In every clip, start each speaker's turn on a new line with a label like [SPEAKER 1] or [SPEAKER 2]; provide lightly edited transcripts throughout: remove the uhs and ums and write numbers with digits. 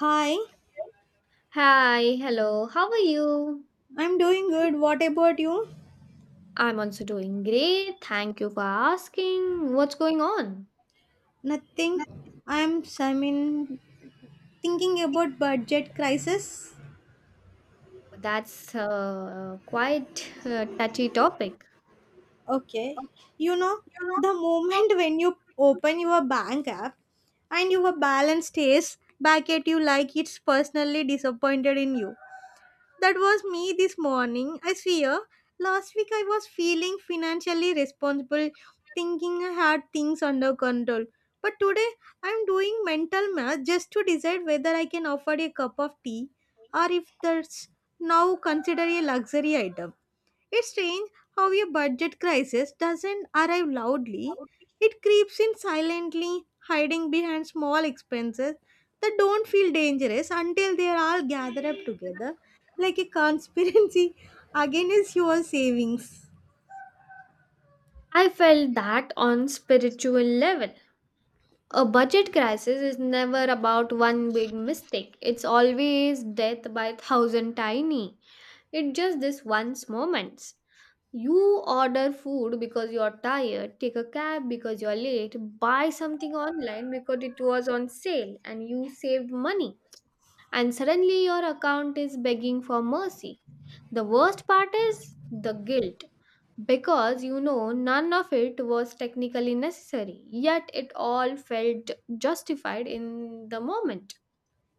[SPEAKER 1] Hi,
[SPEAKER 2] Hi, hello, how are you?
[SPEAKER 1] I'm doing good. What about you?
[SPEAKER 2] I'm also doing great. Thank you for asking. What's going on?
[SPEAKER 1] Nothing. I'm I mean thinking about budget crisis.
[SPEAKER 2] That's quite a touchy topic.
[SPEAKER 1] Okay. You know, the moment when you open your bank app and your balance stays back at you like it's personally disappointed in you. That was me this morning. I swear, last week I was feeling financially responsible, thinking I had things under control. But today I'm doing mental math just to decide whether I can afford a cup of tea or if that's now considered a luxury item. It's strange how a budget crisis doesn't arrive loudly. It creeps in silently, hiding behind small expenses that don't feel dangerous until they are all gathered up together, like a conspiracy against your savings.
[SPEAKER 2] I felt that on spiritual level. A budget crisis is never about one big mistake. It's always death by thousand tiny. It's just this once moments. You order food because you're tired, take a cab because you're late, buy something online because it was on sale and you saved money. And suddenly your account is begging for mercy. The worst part is the guilt because you know none of it was technically necessary, yet it all felt justified in the moment.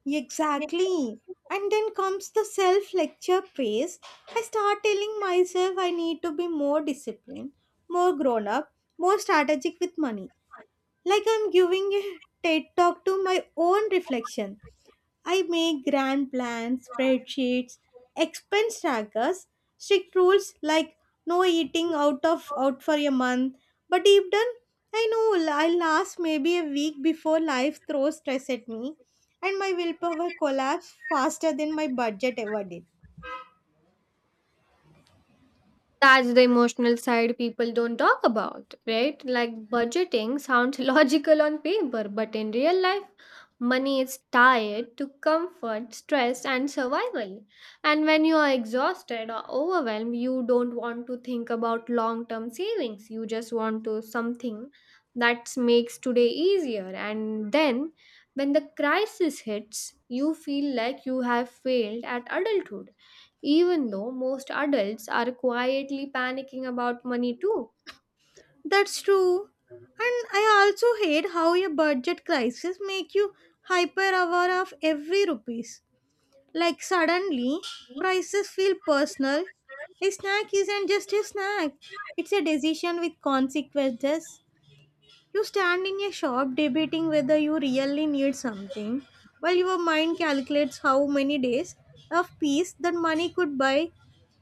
[SPEAKER 1] Exactly. And then comes the self lecture phase. I start telling myself I need to be more disciplined, more grown up, more strategic with money. Like I'm giving a TED talk to my own reflection. I make grand plans, spreadsheets, expense trackers, strict rules like no eating out for a month. But deep down, I know I'll last maybe a week before life throws stress at me, and my willpower collapse faster than my budget ever did.
[SPEAKER 2] That's the emotional side people don't talk about, right? Like budgeting sounds logical on paper, but in real life, money is tied to comfort, stress, and survival. And when you are exhausted or overwhelmed, you don't want to think about long term savings. You just want to something that makes today easier. And then when the crisis hits, you feel like you have failed at adulthood even though most adults are quietly panicking about money too.
[SPEAKER 1] That's true. And I also hate how a budget crisis make you hyper aware of every rupees. Like suddenly, prices feel personal. A snack isn't just a snack, it's a decision with consequences. You stand in a shop debating whether you really need something, while your mind calculates how many days of peace that money could buy.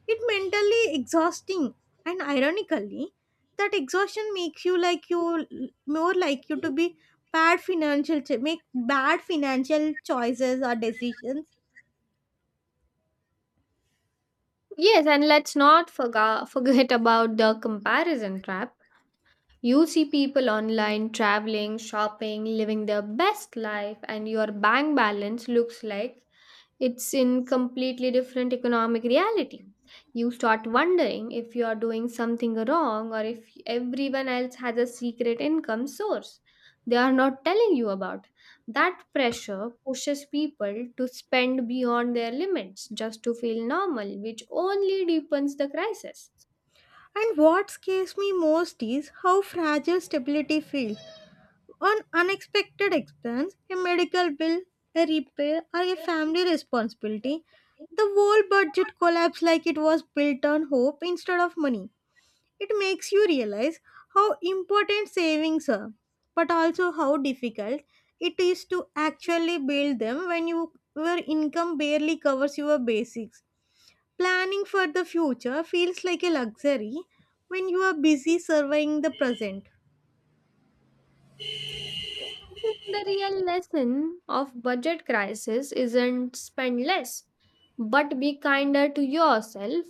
[SPEAKER 1] It mentally exhausting, and ironically, that exhaustion makes you like you more like you to be bad financial make bad financial choices or decisions.
[SPEAKER 2] Yes, and let's not forget about the comparison trap. You see people online traveling, shopping, living their best life, and your bank balance looks like it's in completely different economic reality. You start wondering if you are doing something wrong or if everyone else has a secret income source they are not telling you about. That pressure pushes people to spend beyond their limits just to feel normal, which only deepens the crisis.
[SPEAKER 1] And what scares me most is how fragile stability feels. On unexpected expense, a medical bill, a repair, or a family responsibility, the whole budget collapses like it was built on hope instead of money. It makes you realize how important savings are, but also how difficult it is to actually build them when your income barely covers your basics. Planning for the future feels like a luxury when you are busy surveying the present.
[SPEAKER 2] The real lesson of budget crisis isn't spend less, but be kinder to yourself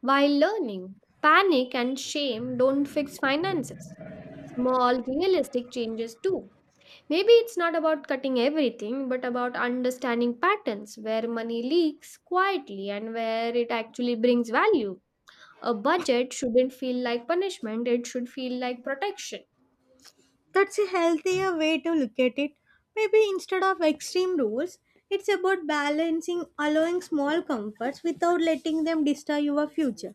[SPEAKER 2] while learning. Panic and shame don't fix finances. Small, realistic changes do. Maybe it's not about cutting everything, but about understanding patterns where money leaks quietly and where it actually brings value. A budget shouldn't feel like punishment, it should feel like protection.
[SPEAKER 1] That's a healthier way to look at it. Maybe instead of extreme rules, it's about balancing, allowing small comforts without letting them destroy your future.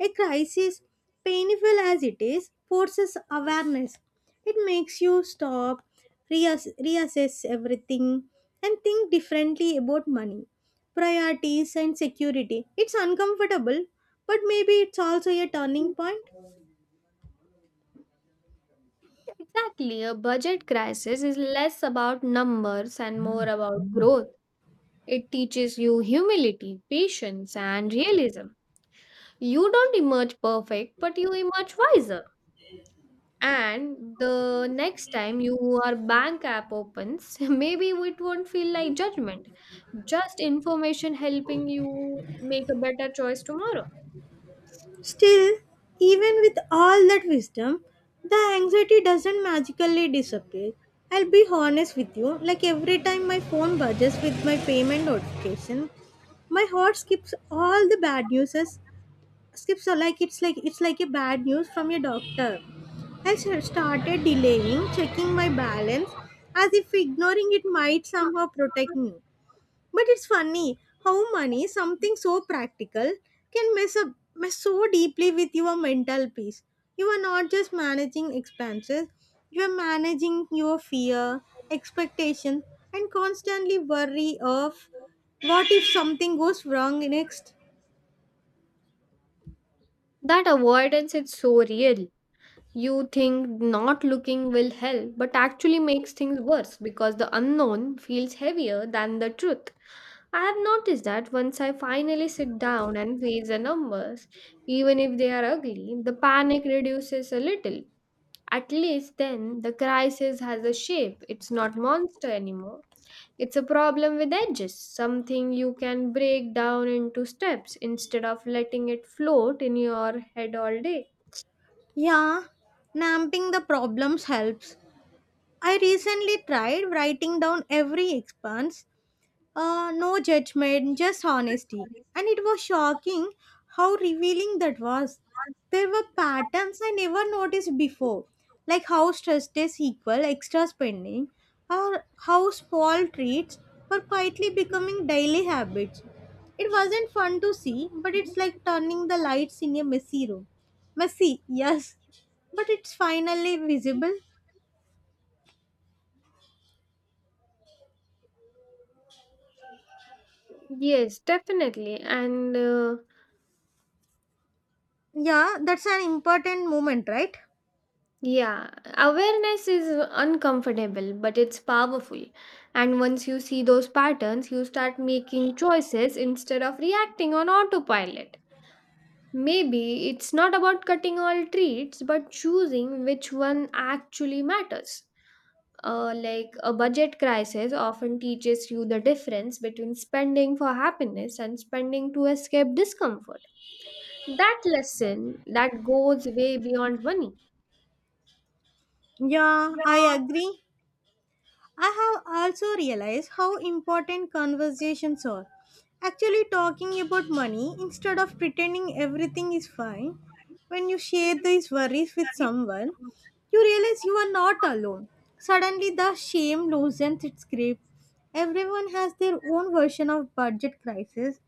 [SPEAKER 1] A crisis, painful as it is, forces awareness. It makes you stop, reassess everything, and think differently about money, priorities, and security. It's uncomfortable, but maybe it's also a turning point.
[SPEAKER 2] Exactly. A budget crisis is less about numbers and more about growth. It teaches you humility, patience, and realism. You don't emerge perfect, but you emerge wiser. And the next time your bank app opens, maybe it won't feel like judgment, just information helping you make a better choice tomorrow.
[SPEAKER 1] Still, even with all that wisdom, the anxiety doesn't magically disappear. I'll be honest with you, like every time my phone budges with my payment notification, my heart skips all the bad news as skips are like it's like a bad news from your doctor. Started delaying checking my balance as if ignoring it might somehow protect me. But it's funny how money, something so practical, can mess so deeply with your mental peace. You are not just managing expenses, you are managing your fear, expectation, and constantly worry of what if something goes wrong next?
[SPEAKER 2] That avoidance is so real. You think not looking will help, but actually makes things worse because the unknown feels heavier than the truth. I have noticed that once I finally sit down and face the numbers, even if they are ugly, the panic reduces a little. At least then, the crisis has a shape. It's not monster anymore. It's a problem with edges, something you can break down into steps instead of letting it float in your head all day.
[SPEAKER 1] Yeah, napping the problems helps. I recently tried writing down every expense. No judgment, just honesty. And it was shocking how revealing that was. There were patterns I never noticed before, like how stress tests equal extra spending, or how small treats were quietly becoming daily habits. It wasn't fun to see, but it's like turning the lights in a messy room. Messy, yes, but it's finally visible.
[SPEAKER 2] Yes, definitely. And
[SPEAKER 1] Yeah, that's an important moment, right?
[SPEAKER 2] yeah, awareness is uncomfortable, but it's powerful. And once you see those patterns, you start making choices instead of reacting on autopilot. Maybe it's not about cutting all treats, but choosing which one actually matters. Like a budget crisis often teaches you the difference between spending for happiness and spending to escape discomfort. That lesson that goes way beyond money.
[SPEAKER 1] Yeah, I agree. I have also realized how important conversations are. Actually, talking about money instead of pretending everything is fine, when you share these worries with someone, you realize you are not alone. Suddenly, the shame loosens its grip. Everyone has their own version of budget crisis,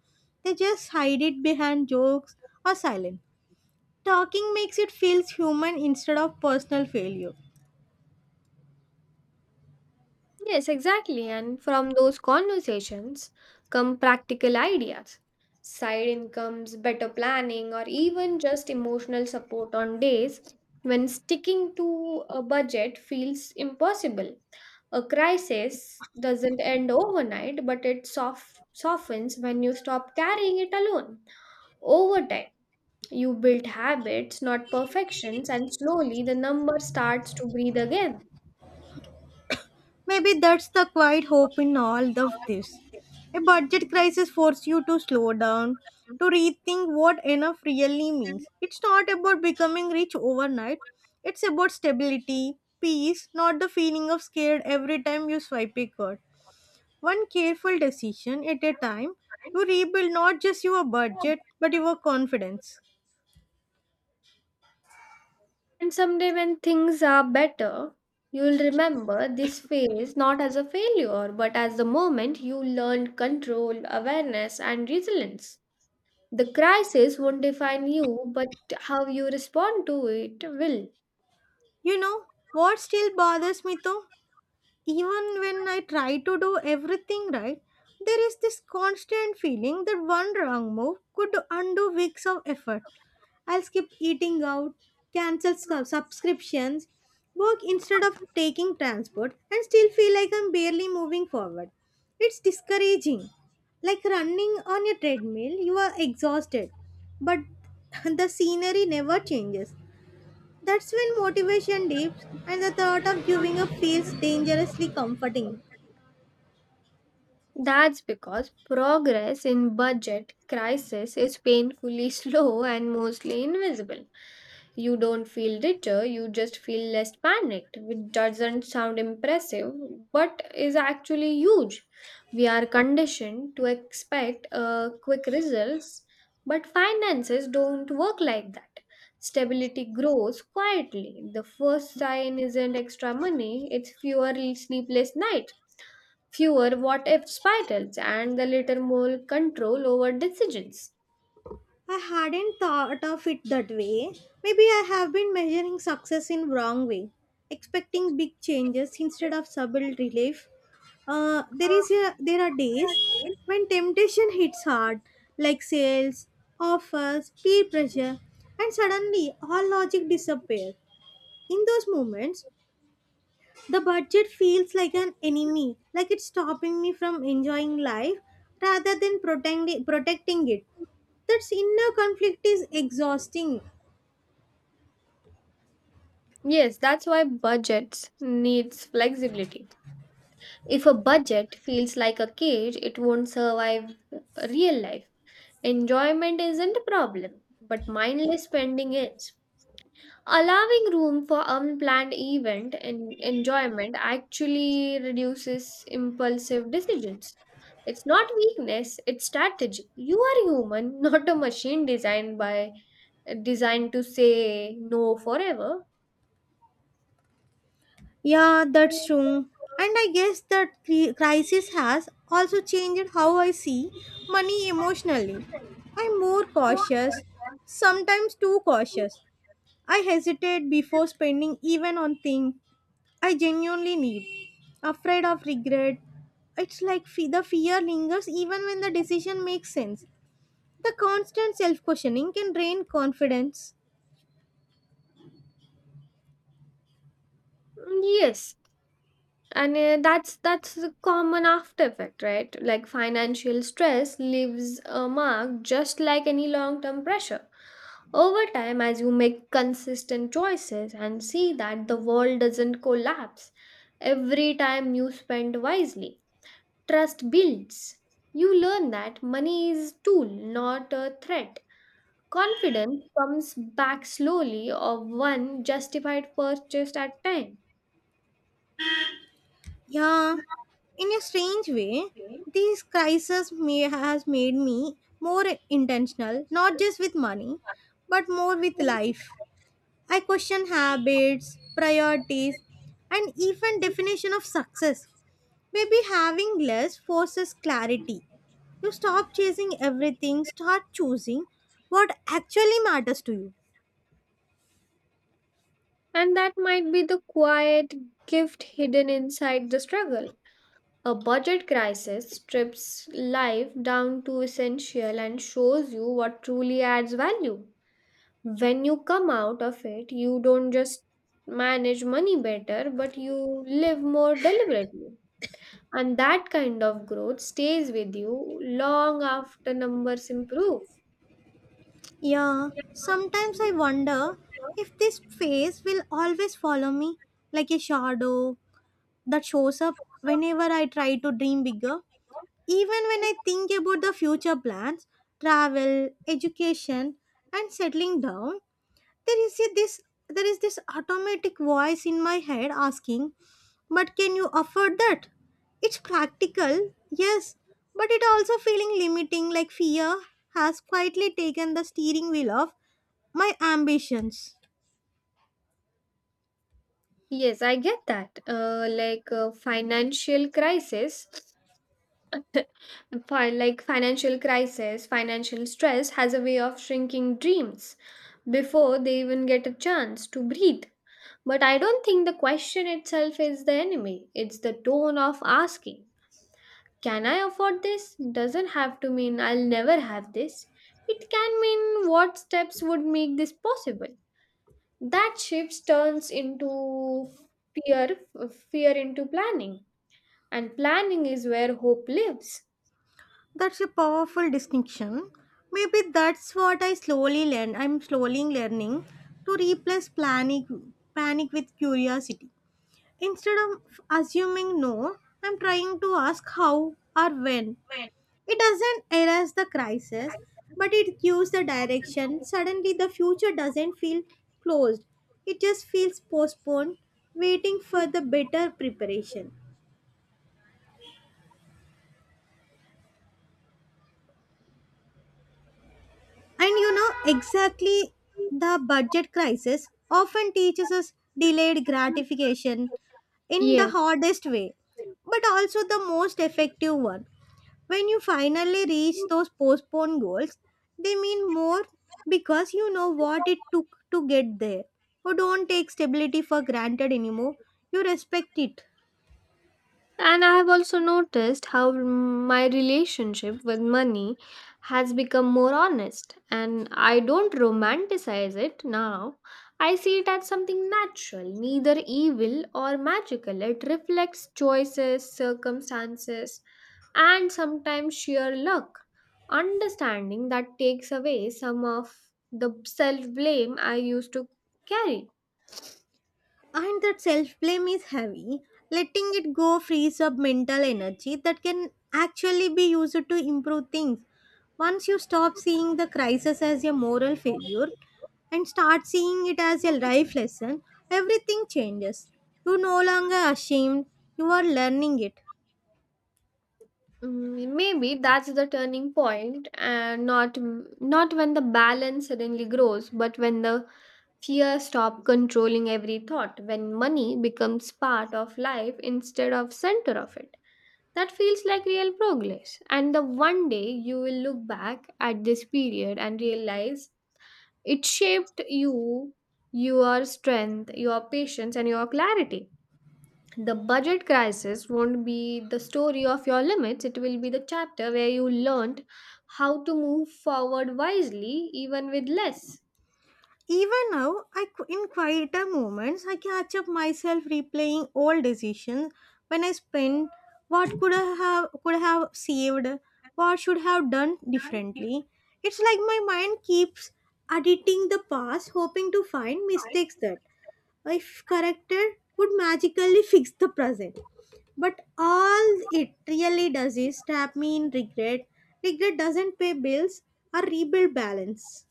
[SPEAKER 1] they just hide it behind jokes or silence. Talking makes it feel human instead of personal failure.
[SPEAKER 2] Yes, exactly. And from those conversations come practical ideas, side incomes, better planning, or even just emotional support on days when sticking to a budget feels impossible. A crisis doesn't end overnight, but it softens when you stop carrying it alone. Over time, you build habits, not perfections, and slowly the number starts to breathe again.
[SPEAKER 1] Maybe that's the quiet hope in all of this. A budget crisis forces you to slow down, to rethink what enough really means. It's not about becoming rich overnight, it's about stability, peace, not the feeling of scared every time you swipe a card. One careful decision at a time, you rebuild not just your budget but your confidence.
[SPEAKER 2] And someday, when things are better, you'll remember this phase not as a failure, but as the moment you learned control, awareness, and resilience. The crisis won't define you, but how you respond to it will.
[SPEAKER 1] You know what still bothers me though? Even when I try to do everything right, there is this constant feeling that one wrong move could undo weeks of effort. I'll skip eating out, cancel subscriptions, work instead of taking transport, and still feel like I'm barely moving forward. It's discouraging. Like running on a treadmill, you are exhausted, but the scenery never changes. That's when motivation dips and the thought of giving up feels dangerously comforting.
[SPEAKER 2] That's because progress in budget crisis is painfully slow and mostly invisible. You don't feel richer, you just feel less panicked, which doesn't sound impressive but is actually huge. We are conditioned to expect quick results, but finances don't work like that. Stability grows quietly. The first sign isn't extra money, it's fewer sleepless nights fewer what if spirals and the little more control over decisions.
[SPEAKER 1] I hadn't thought of it that way. Maybe I have been measuring success in wrong way, expecting big changes instead of subtle relief. There is a, there are days when temptation hits hard, like sales, offers, peer pressure, and suddenly all logic disappears. In those moments, the budget feels like an enemy, like it's stopping me from enjoying life rather than protecting it. That inner conflict is exhausting.
[SPEAKER 2] Yes, that's why budgets needs flexibility. If a budget feels like a cage, it won't survive real life. Enjoyment isn't a problem, but mindless spending is. Allowing room for unplanned event and enjoyment actually reduces impulsive decisions. It's not weakness, it's strategy. You are human, not a machine designed to say no forever.
[SPEAKER 1] Yeah, that's true. And I guess that crisis has also changed how I see money emotionally. I'm more cautious, sometimes too cautious. I hesitate before spending even on things I genuinely need. Afraid of regret. It's like the fear lingers even when the decision makes sense. The constant self questioning can drain confidence.
[SPEAKER 2] Mm, yes, and that's the common after effect, right? Like financial stress leaves a mark just like any long-term pressure. Over time, as you make consistent choices and see that the world doesn't collapse every time you spend wisely, trust builds. You learn that money is a tool, not a threat. Confidence comes back slowly of one justified purchase at time.
[SPEAKER 1] Yeah, in a strange way, these crises may has made me more intentional, not just with money, but more with life. I question habits, priorities, and even definition of success. Maybe having less forces clarity. You stop chasing everything, start choosing what actually matters to you.
[SPEAKER 2] And that might be the quiet gift hidden inside the struggle. A budget crisis strips life down to essential and shows you what truly adds value. When you come out of it, you don't just manage money better, but you live more deliberately. And that kind of growth stays with you long after numbers improve.
[SPEAKER 1] Yeah, sometimes I wonder if this phase will always follow me like a shadow that shows up whenever I try to dream bigger. Even when I think about the future plans, travel, education, and settling down, there is a, this there is this automatic voice in my head asking but can you afford that, it's practical, yes, but it also feeling limiting like fear has quietly taken the steering wheel of my ambitions.
[SPEAKER 2] Yes, I get that. Financial crisis, financial stress has a way of shrinking dreams before they even get a chance to breathe. But I don't think the question itself is the enemy. It's the tone of asking, "Can I afford this?" doesn't have to mean I'll never have this. It can mean what steps would make this possible. That shifts turns into fear, fear into planning, and planning is where hope lives.
[SPEAKER 1] That's a powerful distinction. Maybe that's what I'm slowly learning to replace panic with curiosity. Instead of assuming no, I'm trying to ask how or when. It doesn't erase the crisis, but it gives the direction. Suddenly, the future doesn't feel closed, it just feels postponed, waiting for the better preparation. And you know, exactly the budget crisis often teaches us delayed gratification in the
[SPEAKER 2] Yes.
[SPEAKER 1] hardest way, but also the most effective one. When you finally reach those postponed goals, they mean more because you know what it took to get there. You don't take stability for granted anymore, you respect it.
[SPEAKER 2] And I have also noticed how my relationship with money has become more honest, and I don't romanticize it now. I see it as something natural, neither evil or magical. It reflects choices, circumstances, and sometimes sheer luck. Understanding that takes away some of the self blame I used to carry.
[SPEAKER 1] And that self blame is heavy. Letting it go frees up mental energy that can actually be used to improve things. Once you stop seeing the crisis as a moral failure and start seeing it as a life lesson, everything changes. You're no longer ashamed, you are learning it.
[SPEAKER 2] Mm, maybe that's the turning point, and not when the balance suddenly grows, but when the fear stop controlling every thought, when money becomes part of life instead of center of it. That feels like real progress. And the one day you will look back at this period and realize it shaped you, your strength, your patience, and your clarity. The budget crisis won't be the story of your limits, it will be the chapter where you learned how to move forward wisely, even with less.
[SPEAKER 1] Even now, in quieter moments, I catch up myself replaying old decisions when I spend, what could have saved, what should have done differently. It's like my mind keeps editing the past, hoping to find mistakes that, if corrected, would magically fix the present. But all it really does is trap me in regret. Regret doesn't pay bills or rebuild balance.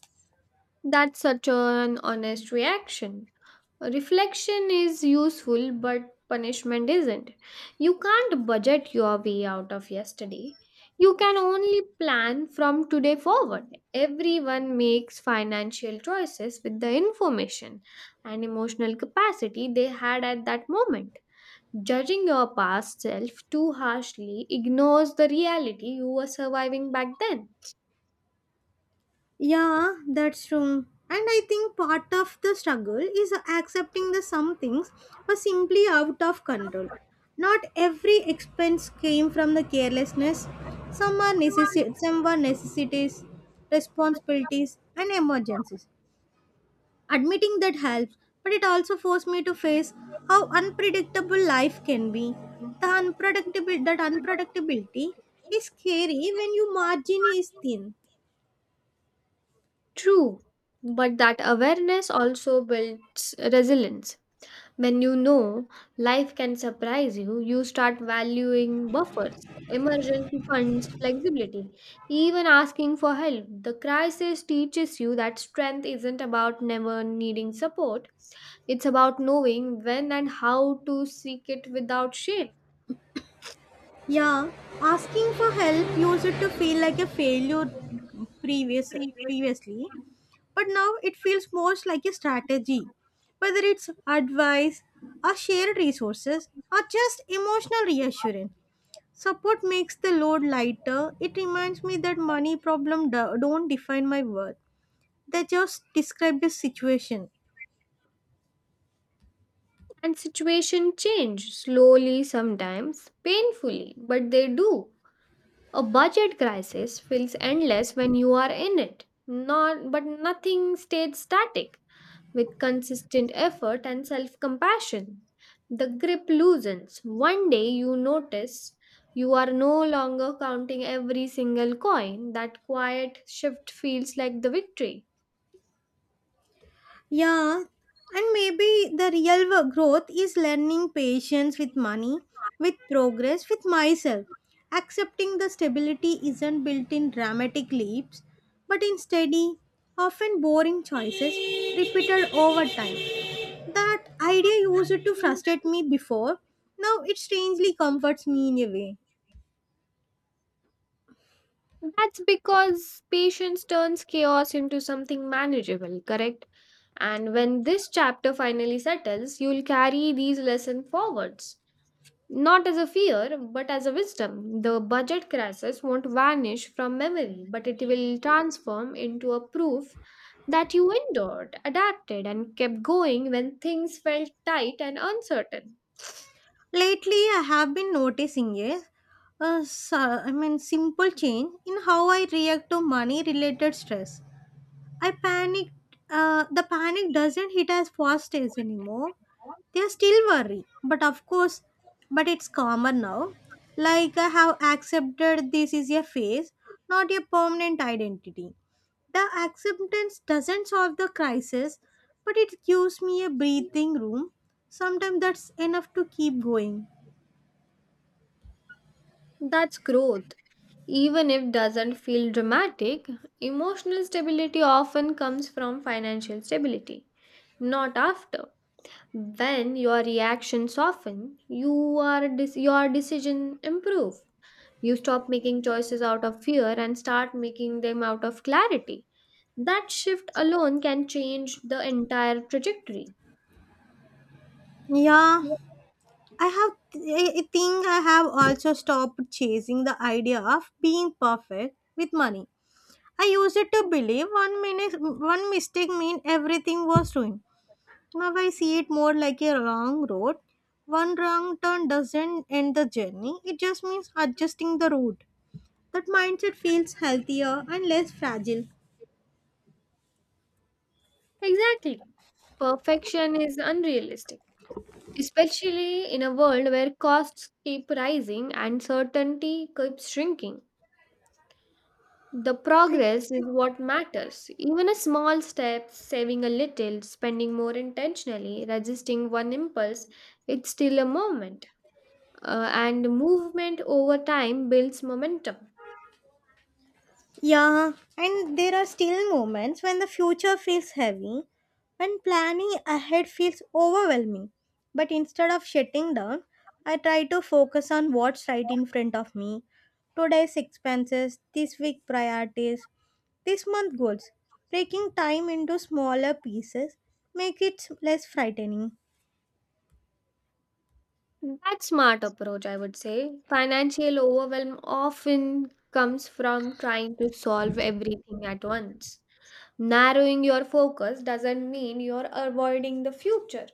[SPEAKER 2] That's such an honest reaction. Reflection is useful, but punishment isn't. You can't budget your way out of yesterday. You can only plan from today forward. Everyone makes financial choices with the information and emotional capacity they had at that moment. Judging your past self too harshly ignores the reality you were surviving back then.
[SPEAKER 1] Yeah, that's true. And I think part of the struggle is accepting that some things were simply out of control. Not every expense came from the carelessness. Some were necessities, responsibilities, and emergencies. Admitting that helps, but it also forced me to face how unpredictable life can be. The unpredictable that unpredictability is scary when your margin is thin.
[SPEAKER 2] True, but that awareness also builds resilience. When you know life can surprise you, you start valuing buffers, emergency funds, flexibility, even asking for help. The crisis teaches you that strength isn't about never needing support, it's about knowing when and how to seek it without shame.
[SPEAKER 1] Yeah, asking for help used to feel like a failure previous previously, but now it feels most like a strategy. Whether it's advice, or shared resources, or just emotional reassurance, support makes the load lighter. It reminds me that money problem don't define my worth; they just describe the situation.
[SPEAKER 2] And situation change slowly sometimes, painfully, but they do. A budget crisis feels endless when you are in it. Not, but nothing stayed static. With consistent effort and self compassion, the grip loosens. One day you notice you are no longer counting every single coin. That quiet shift feels like the victory.
[SPEAKER 1] Yeah, and maybe the real growth is learning patience with money, with progress, with myself. Accepting the stability isn't built in dramatic leaps, but in steady, often boring choices repeated over time. That idea used to frustrate me before, now it strangely comforts me in a way.
[SPEAKER 2] That's because patience turns chaos into something manageable, correct? And when this chapter finally settles, you'll carry these lessons forwards. Not as a fear, but as a wisdom. The budget crisis won't vanish from memory, but it will transform into a proof that you endured, adapted, and kept going when things felt tight and uncertain.
[SPEAKER 1] Lately, I have been noticing a simple change in how I react to money related stress. I panicked. The panic doesn't hit as fast as anymore. They are still worry, but of course, but it's calmer now. Like I have accepted this is a phase, not a permanent identity. The acceptance doesn't solve the crisis, but it gives me a breathing room. Sometimes that's enough to keep going.
[SPEAKER 2] That's growth. Even if doesn't feel dramatic, emotional stability often comes from financial stability, not after. When your reactions soften, you your decision improve. You stop making choices out of fear and start making them out of clarity. That shift alone can change the entire trajectory.
[SPEAKER 1] Yeah, I have. I think I have also stopped chasing the idea of being perfect with money. I used it to believe one minute, one mistake meant everything was ruined. Now I see it more like a long road. One wrong turn doesn't end the journey. It just means adjusting the route. That mindset feels healthier and less fragile.
[SPEAKER 2] Exactly. Perfection is unrealistic, especially in a world where costs keep rising and certainty keeps shrinking. The progress is what matters. Even a small step, saving a little, spending more intentionally, resisting one impulse, it's still a movement. And movement over time builds momentum.
[SPEAKER 1] Yeah, and there are still moments when the future feels heavy, when planning ahead feels overwhelming. But instead of shutting down, I try to focus on what's right in front of me: today's expenses, this week priorities, this month goals. Breaking time into smaller pieces make it less frightening.
[SPEAKER 2] That smart approach, I would say. Financial overwhelm often comes from trying to solve everything at once. Narrowing your focus doesn't mean you're avoiding the future.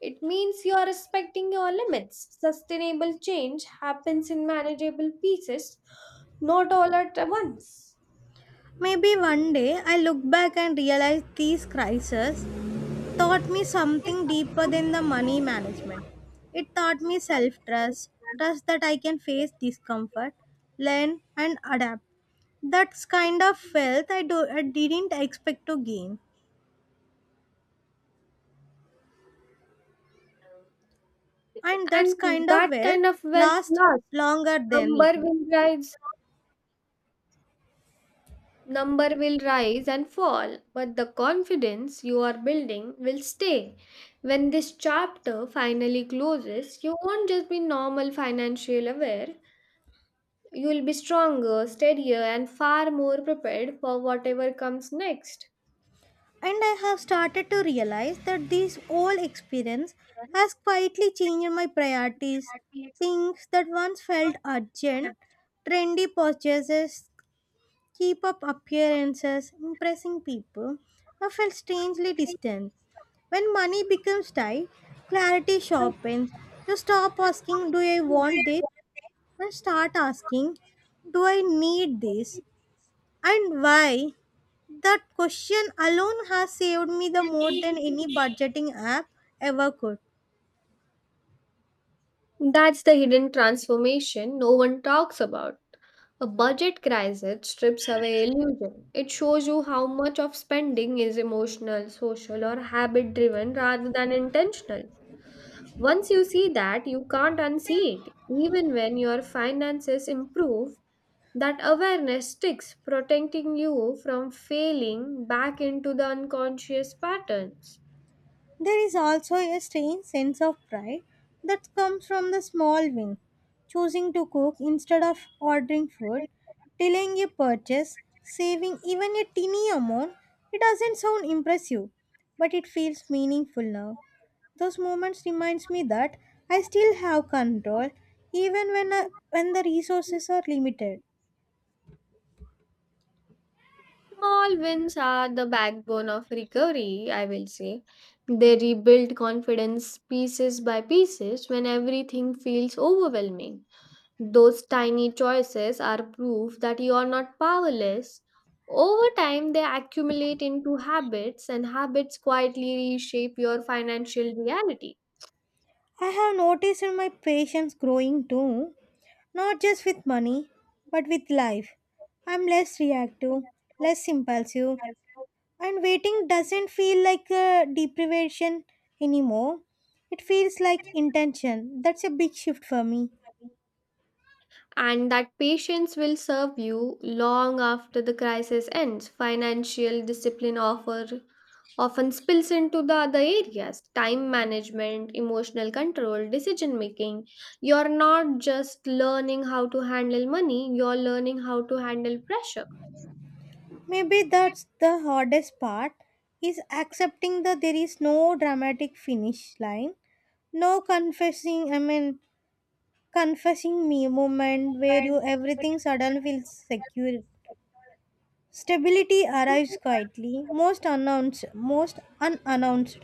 [SPEAKER 2] It means you're respecting your limits. Sustainable change happens in manageable pieces, not all at once.
[SPEAKER 1] Maybe one day I look back and realize these crises taught me something deeper than the money management. It taught me self trust, trust that I can face discomfort, learn, and adapt. That's kind of wealth I didn't expect to gain. And that's
[SPEAKER 2] And
[SPEAKER 1] kind of
[SPEAKER 2] that
[SPEAKER 1] wealth
[SPEAKER 2] kind of wealth
[SPEAKER 1] lasts
[SPEAKER 2] lasts.
[SPEAKER 1] longer than it.
[SPEAKER 2] Number will rise, Number will rise and fall, but the confidence you are building will stay. When this chapter finally closes, you won't just be normal financial aware, you will be stronger, steadier, and far more prepared for whatever comes next.
[SPEAKER 1] And I have started to realize that this whole experience has quietly changed my priorities. Things that once felt urgent, trendy purchases, keep up appearances, impressing people, I felt strangely distant. When money becomes tight, clarity sharpens. You stop asking, do I want this? And start asking, do I need this? And why? That question alone has saved me the more than any budgeting app ever could.
[SPEAKER 2] That's the hidden transformation no one talks about. A budget crisis strips away illusion. It shows you how much of spending is emotional, social, or habit driven rather than intentional. Once you see that, you can't unsee it. Even when your finances improve, that awareness sticks, protecting you from failing back into the unconscious patterns.
[SPEAKER 1] There is also a strange sense of pride that comes from the small win. Choosing to cook instead of ordering food, delaying a purchase, saving even a teeny amount, it doesn't sound impressive, but it feels meaningful now. Those moments reminds me that I still have control even when when the resources are limited.
[SPEAKER 2] Small wins are the backbone of recovery, I will say. They rebuild confidence pieces by pieces when everything feels overwhelming. Those tiny choices are proof that you are not powerless. Over time, they accumulate into habits, and habits quietly reshape your financial reality.
[SPEAKER 1] I have noticed in my patience growing too. Not just with money, but with life. I'm less reactive, less impulsive, and waiting doesn't feel like a deprivation anymore. It feels like intention. That's a big shift for me.
[SPEAKER 2] And that patience will serve you long after the crisis ends. Financial discipline offer often spills into the other areas time management, emotional control, decision making. You're not just learning how to handle money, you're learning how to handle pressure.
[SPEAKER 1] Maybe that's the hardest part is accepting that there is no dramatic finish line, no confessing I mean confessing me moment where you everything suddenly feels secure. Stability arrives quietly, most announced, most unannounced.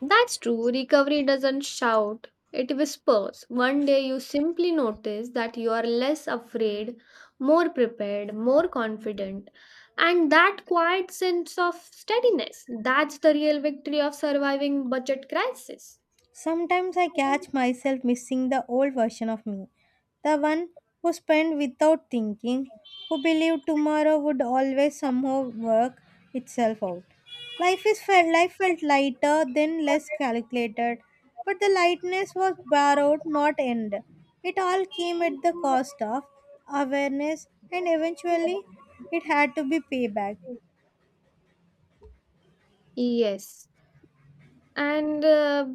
[SPEAKER 2] That's true. Recovery doesn't shout, it whispers. One day you simply notice that you are less afraid, more prepared, more confident. And that quiet sense of steadiness, that's the real victory of surviving budget crisis.
[SPEAKER 1] Sometimes I catch myself missing the old version of me, the one who spent without thinking, who believed tomorrow would always somehow work itself out. Life felt lighter, then less calculated, but the lightness was borrowed, not earned. It all came at the cost of awareness, and eventually, it had to be paid back.
[SPEAKER 2] Yes. And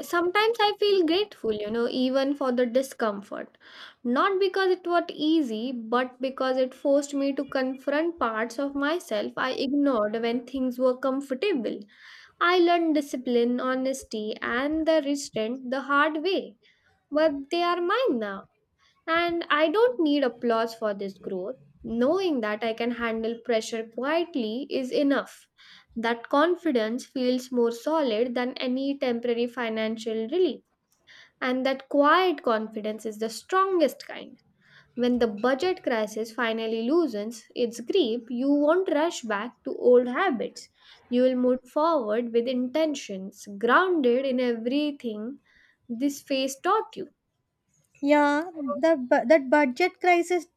[SPEAKER 2] sometimes I feel grateful even for the discomfort, not because it was easy, but because it forced me to confront parts of myself I ignored when things were comfortable. I learned discipline, honesty, and the restraint the hard way, but they are mine now. And I don't need applause for this growth. Knowing that I can handle pressure quietly is enough. That confidence feels more solid than any temporary financial relief. And that quiet confidence is the strongest kind. When the budget crisis finally loosens its grip, you won't rush back to old habits. You will move forward with intentions grounded in everything this phase taught you.
[SPEAKER 1] Yeah, that budget crisis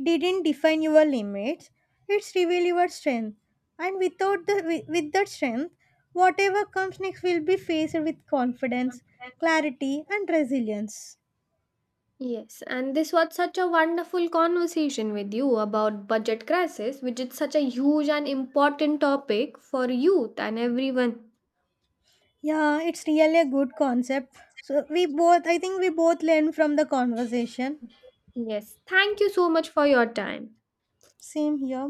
[SPEAKER 1] didn't define your limits. It's revealed your strength, and without the with that strength, whatever comes next will be faced with confidence, clarity, and resilience.
[SPEAKER 2] Yes, and this was such a wonderful conversation with you about budget crisis, which is such a huge and important topic for youth and everyone.
[SPEAKER 1] Yeah, it's really a good concept. So I think, we both learned from the conversation.
[SPEAKER 2] Yes, thank you so much for your time.
[SPEAKER 1] Same here.